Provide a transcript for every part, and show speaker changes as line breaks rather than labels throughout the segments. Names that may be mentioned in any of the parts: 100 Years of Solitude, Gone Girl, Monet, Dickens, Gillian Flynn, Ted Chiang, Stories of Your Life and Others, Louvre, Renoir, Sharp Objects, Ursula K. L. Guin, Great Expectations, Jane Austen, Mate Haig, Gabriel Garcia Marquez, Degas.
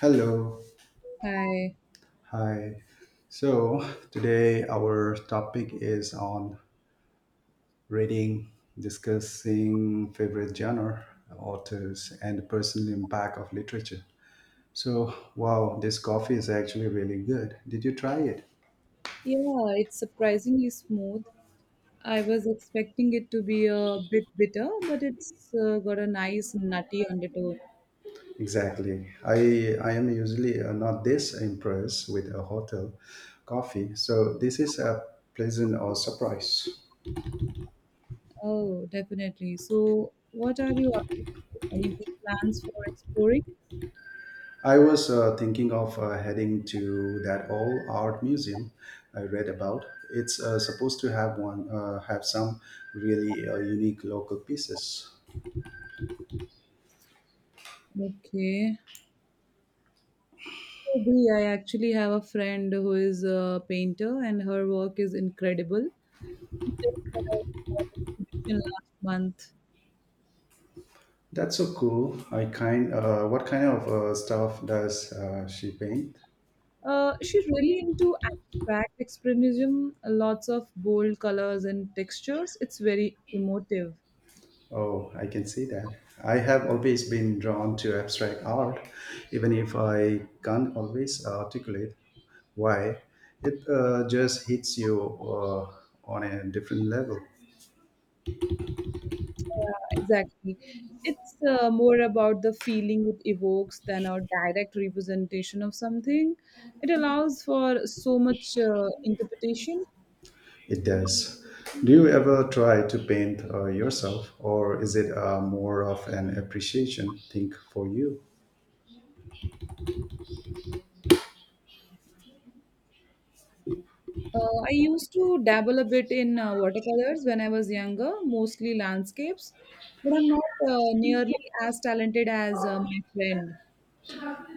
Hello,
Hi.
hi. So, today our topic is on reading, discussing favorite genre, authors, and the personal impact of literature. So, wow, this coffee is actually really good. Did you try it?
Yeah, it's surprisingly smooth. I was expecting it to be a bit bitter, but it's got a nice nutty undertone.
Exactly. I am usually not this impressed with a hotel coffee, so this is a pleasant or surprise.
Oh, definitely. So, what are you up to? Any big plans for exploring?
I was thinking of heading to that old art museum I read about. It's supposed to have some really unique local pieces.
Okay. Maybe I actually have a friend who is a painter, and her work is incredible. She just had a small exhibition last month.
That's so cool. I kind What kind of stuff does she paint?
She's really into abstract expressionism, lots of bold colors and textures. It's very emotive.
Oh, I can see that. I have always been drawn to abstract art, even if I can't always articulate why. It just hits you on a different level.
Yeah, exactly. It's more about the feeling it evokes than a direct representation of something. It allows for so much interpretation.
It does. Do you ever try to paint yourself, or is it more of an appreciation thing for you?
I used to dabble a bit in watercolors when I was younger, mostly landscapes, but I'm not nearly as talented as my friend.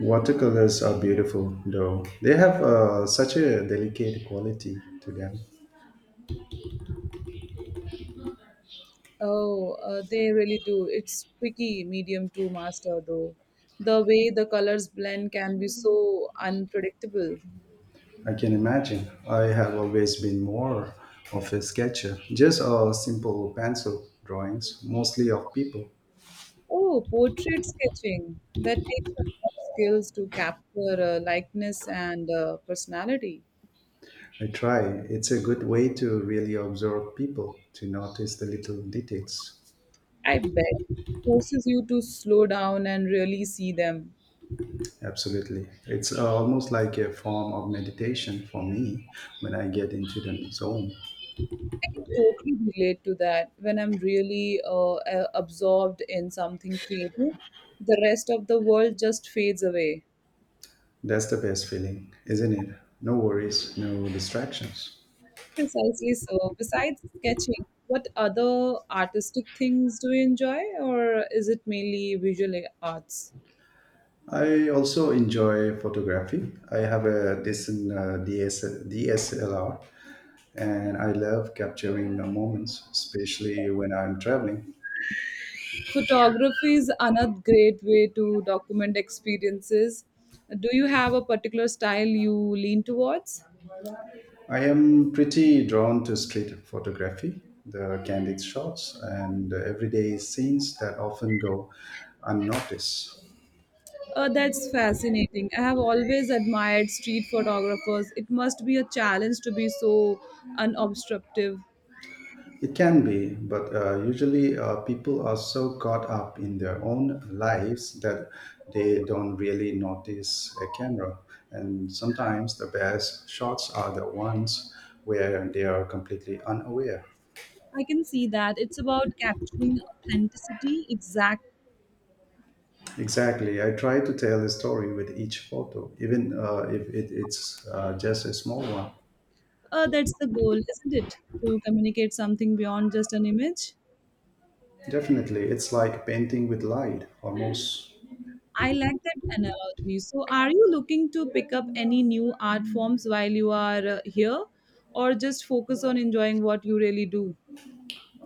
Watercolors are beautiful, though. They have such a delicate quality to them.
Oh, they really do. It's tricky medium to master though. The way the colors blend can be so unpredictable.
I can imagine. I have always been more of a sketcher, just a simple pencil drawings, mostly of people.
Oh, portrait sketching. That takes a lot of skills to capture likeness and personality.
I try. It's a good way to really observe people, to notice the little details.
I bet it forces you to slow down and really see them.
Absolutely. It's almost like a form of meditation for me when I get into the zone.
I can totally relate to that when I'm really absorbed in something creative. The rest of the world just fades away.
That's the best feeling, isn't it? No worries, no distractions.
Precisely so. Besides sketching, what other artistic things do you enjoy, or is it mainly visual arts?
I also enjoy photography. I have a decent DSLR and I love capturing the moments, especially when I'm traveling.
Photography is another great way to document experiences. Do you have a particular style you lean towards?
I am pretty drawn to street photography, the candid shots, and the everyday scenes that often go unnoticed.
That's fascinating. I have always admired street photographers. It must be a challenge to be so unobstructive.
It can be, but usually people are so caught up in their own lives that they don't really notice a camera. And sometimes the best shots are the ones where they are completely unaware.
I can see that. It's about capturing authenticity exactly.
Exactly. I try to tell a story with each photo, even if it's just a small one.
That's the goal, isn't it? To communicate something beyond just an image.
Definitely. It's like painting with light, almost.
I like that analogy. So, are you looking to pick up any new art forms while you are here, or just focus on enjoying what you really do?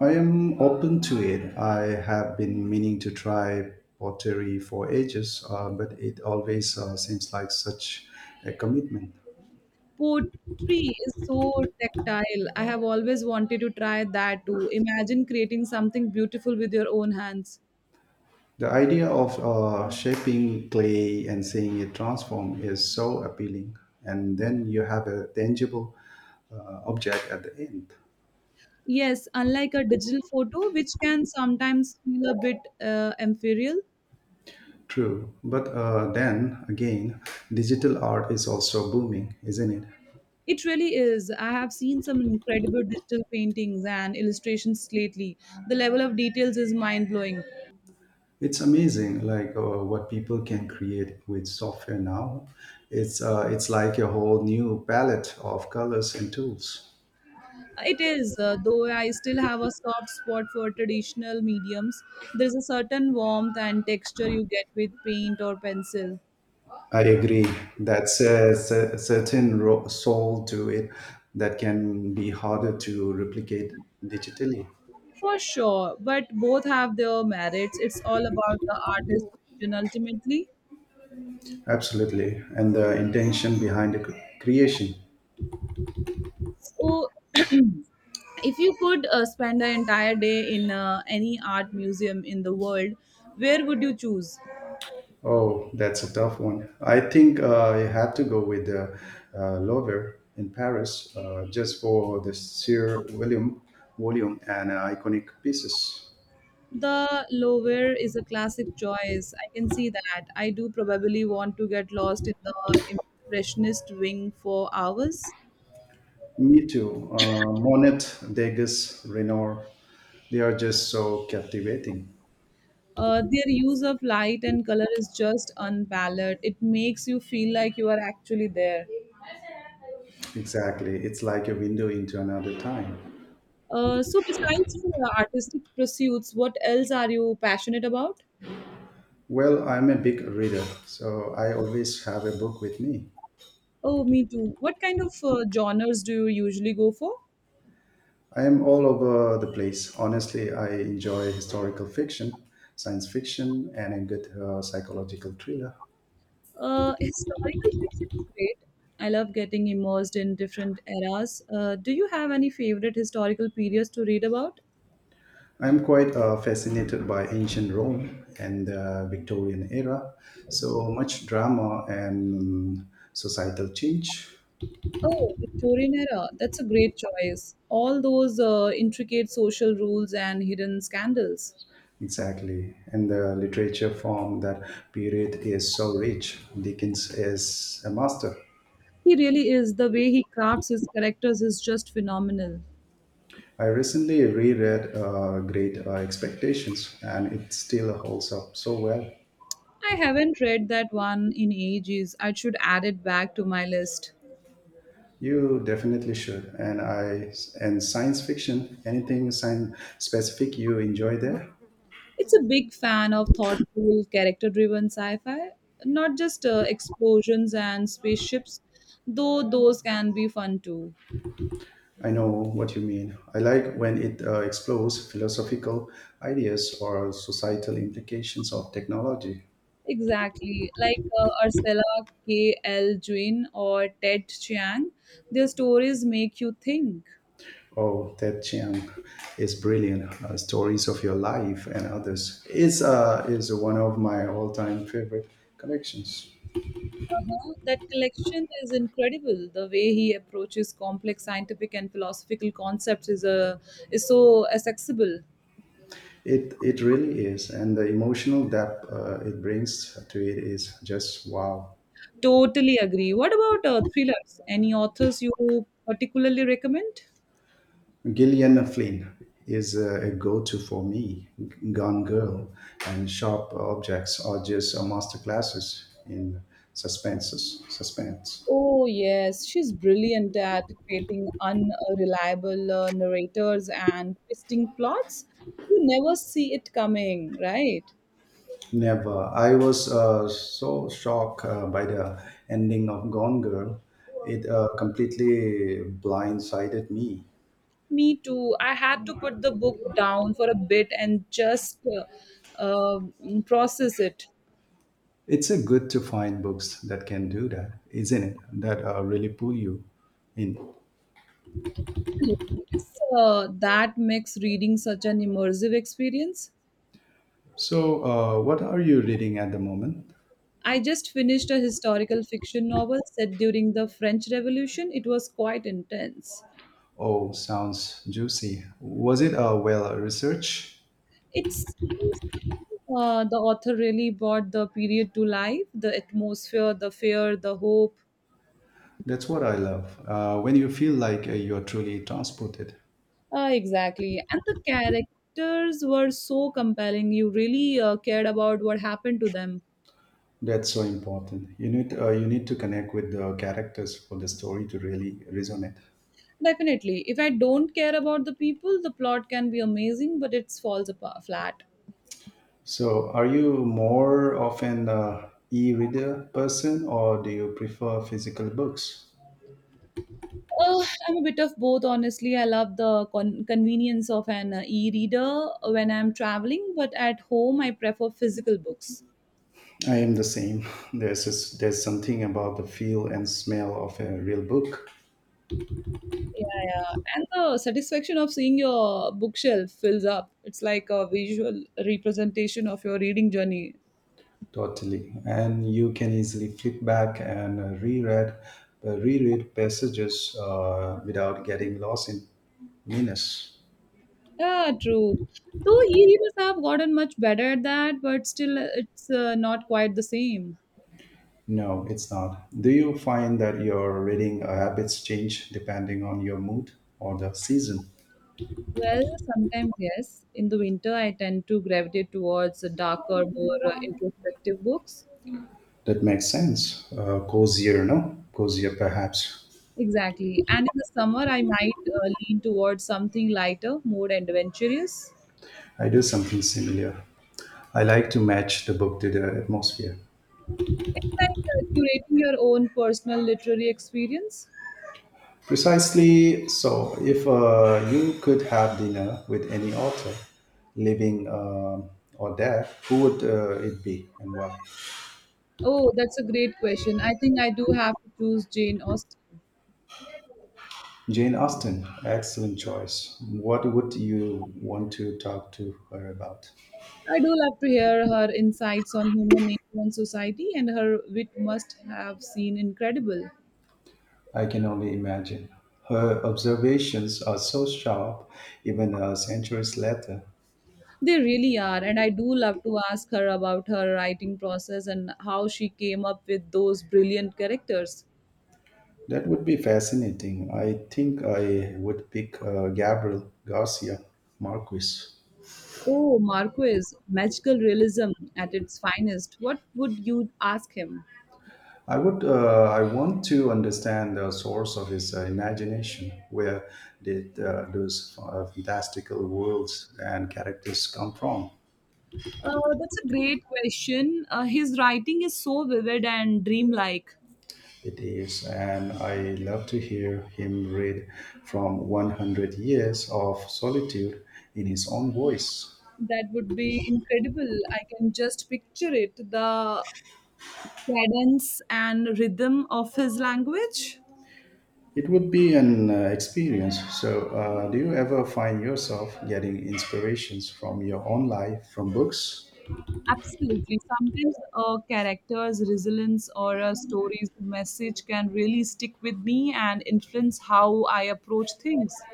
I am open to it. I have been meaning to try pottery for ages, but it always seems like such a commitment.
Poetry is so tactile. I have always wanted to try that too. Imagine creating something beautiful with your own hands.
The idea of shaping clay and seeing it transform is so appealing, and then you have a tangible object at the end.
Yes, unlike a digital photo, which can sometimes feel a bit ethereal.
True, but then again, digital art is also booming, isn't it?
It really is. I have seen some incredible digital paintings and illustrations lately. The level of details is mind blowing.
It's amazing, like what people can create with software now. It's like a whole new palette of colors and tools.
It is, though I still have a soft spot for traditional mediums. There's a certain warmth and texture you get with paint or pencil.
I agree. Certain soul to it that can be harder to replicate digitally.
For sure, but both have their merits. It's all about the artist's vision ultimately.
Absolutely, and the intention behind the creation.
So, if you could spend an entire day in any art museum in the world, where would you choose?
Oh, that's a tough one. I think I have to go with the Louvre in Paris, just for the sheer volume and iconic pieces.
The lower is a classic choice. I can see that. I do probably want to get lost in the impressionist wing for hours.
Me too. Monet, Degas, Renoir, they are just so captivating.
Their use of light and color is just unparalleled. It makes you feel like you are actually there.
Exactly. It's like a window into another time.
So, besides artistic pursuits, what else are you passionate about?
Well, I'm a big reader, so I always have a book with me.
Oh, me too. What kind of genres do you usually go for?
I am all over the place. Honestly, I enjoy historical fiction, science fiction, and a good psychological thriller.
Historical fiction is great. I love getting immersed in different eras. Do you have any favorite historical periods to read about?
I'm quite fascinated by ancient Rome and the Victorian era. So much drama and societal change.
Oh, Victorian era. That's a great choice. All those intricate social rules and hidden scandals.
Exactly. And the literature from that period is so rich. Dickens is a master.
He really is. The way he crafts his characters is just phenomenal.
I recently reread Great Expectations and it still holds up so well.
I haven't read that one in ages. I should add it back to my list.
You definitely should. And science fiction, anything science specific you enjoy there?
It's a big fan of thoughtful, character driven sci fi, not just explosions and spaceships, though those can be fun too.
I know what you mean. I like when it explores philosophical ideas or societal implications of technology.
Exactly. Like Ursula K. L. Guin or Ted Chiang, their stories make you think.
Oh, Ted Chiang is brilliant. Stories of your life and others is one of my all-time favorite collections.
Uh-huh. That collection is incredible. The way he approaches complex scientific and philosophical concepts is so accessible.
It really is, and the emotional depth it brings to it is just wow.
Totally agree. What about thrillers? Any authors you particularly recommend?
Gillian Flynn is a go-to for me. Gone Girl and Sharp Objects are just masterclasses in suspense.
Oh, yes, she's brilliant at creating unreliable narrators and twisting plots. You never see it coming, right?
Never. I was so shocked by the ending of Gone Girl. It completely blindsided me.
Me too. I had to put the book down for a bit and just uh, uh, process it.
It's a good to find books that can do that, isn't it? That Really pull you in.
It's that makes reading such an immersive experience.
So, what are you reading at the moment?
I just finished a historical fiction novel set during the French Revolution. It was quite intense.
Oh, sounds juicy. Was it well researched?
It seems to me the author really brought the period to life the atmosphere, the fear, the hope.
That's what I love. When you feel like you're truly transported,
Exactly. And the characters were so compelling. You really cared about what happened to them.
that's so important. You need to connect with the characters for the story to really resonate.
Definitely. If I don't care about the people, the plot can be amazing, but it falls apart flat.
So, are you more of an e-reader person, or do you prefer physical books?
I'm a bit of both, honestly. I love the convenience of an e reader when I'm traveling, but at home, I prefer physical books.
I am the same. There's something about the feel and smell of a real book.
Yeah, yeah. And the satisfaction of seeing your bookshelf fills up. It's like a visual representation of your reading journey.
Totally. And you can easily flip back and reread passages without getting lost in minutes.
Yeah, true. Though e-readers have gotten much better at that, but still it's not quite the same.
No, it's not. Do you find that your reading habits change depending on your mood or the season?
Well, sometimes yes. In the winter, I tend to gravitate towards the darker, more introspective books.
That makes sense. Cozier, no? Cozier, perhaps.
Exactly. And in the summer, I might lean towards something lighter, more adventurous.
I do something similar. I like to match the book to the atmosphere.
It's like curating your own personal literary experience.
Precisely so. If you could have dinner with any author, living or dead, who would it be and why?
Oh, that's a great question. I think I do have to choose Jane Austen.
Jane Austen, excellent choice. What would you want to talk to her about?
I do love to hear her insights on human nature and society, and her wit must have seen incredible.
I can only imagine. Her observations are so sharp, even centuries later.
They really are, and I do love to ask her about her writing process and how she came up with those brilliant characters.
That would be fascinating. I think I would pick Gabriel Garcia Marquez.
Oh, Marquez, magical realism at its finest. What would you ask him?
I would. I want to understand the source of his imagination. Where did those fantastical worlds and characters come from?
That's a great question. His writing is so vivid and dreamlike.
It is, and I love to hear him read from 100 Years of Solitude in his own voice.
That would be incredible. I can just picture it the cadence and rhythm of his language.
It would be an experience. So, do you ever find yourself getting inspirations from your own life from books?
Absolutely. Sometimes a character's resilience or a story's message can really stick with me and influence how I approach things.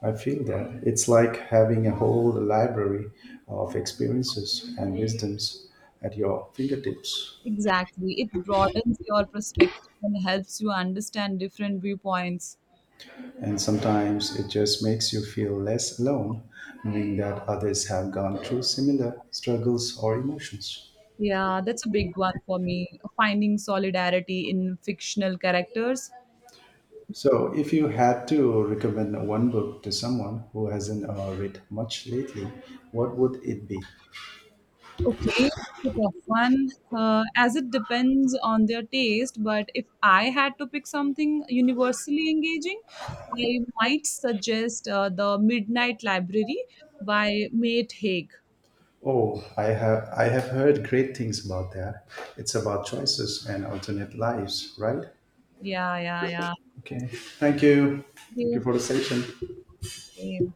I feel that it's like having a whole library of experiences and wisdoms at your fingertips.
Exactly. It broadens your perspective and helps you understand different viewpoints.
And sometimes it just makes you feel less alone, knowing that others have gone through similar struggles or emotions.
Yeah, that's a big one for me. Finding solidarity in fictional characters.
So, if you had to recommend one book to someone who hasn't read much lately, what would it be?
Okay, that's a tough one. As it depends on their taste, but if I had to pick something universally engaging, I might suggest The Midnight Library by Mate Haig.
Oh, I have heard great things about that. It's about choices and alternate lives, right?
Yeah, yeah, yeah.
Okay. Thank you.
Thank
Thank you
you.
for the session.
Same.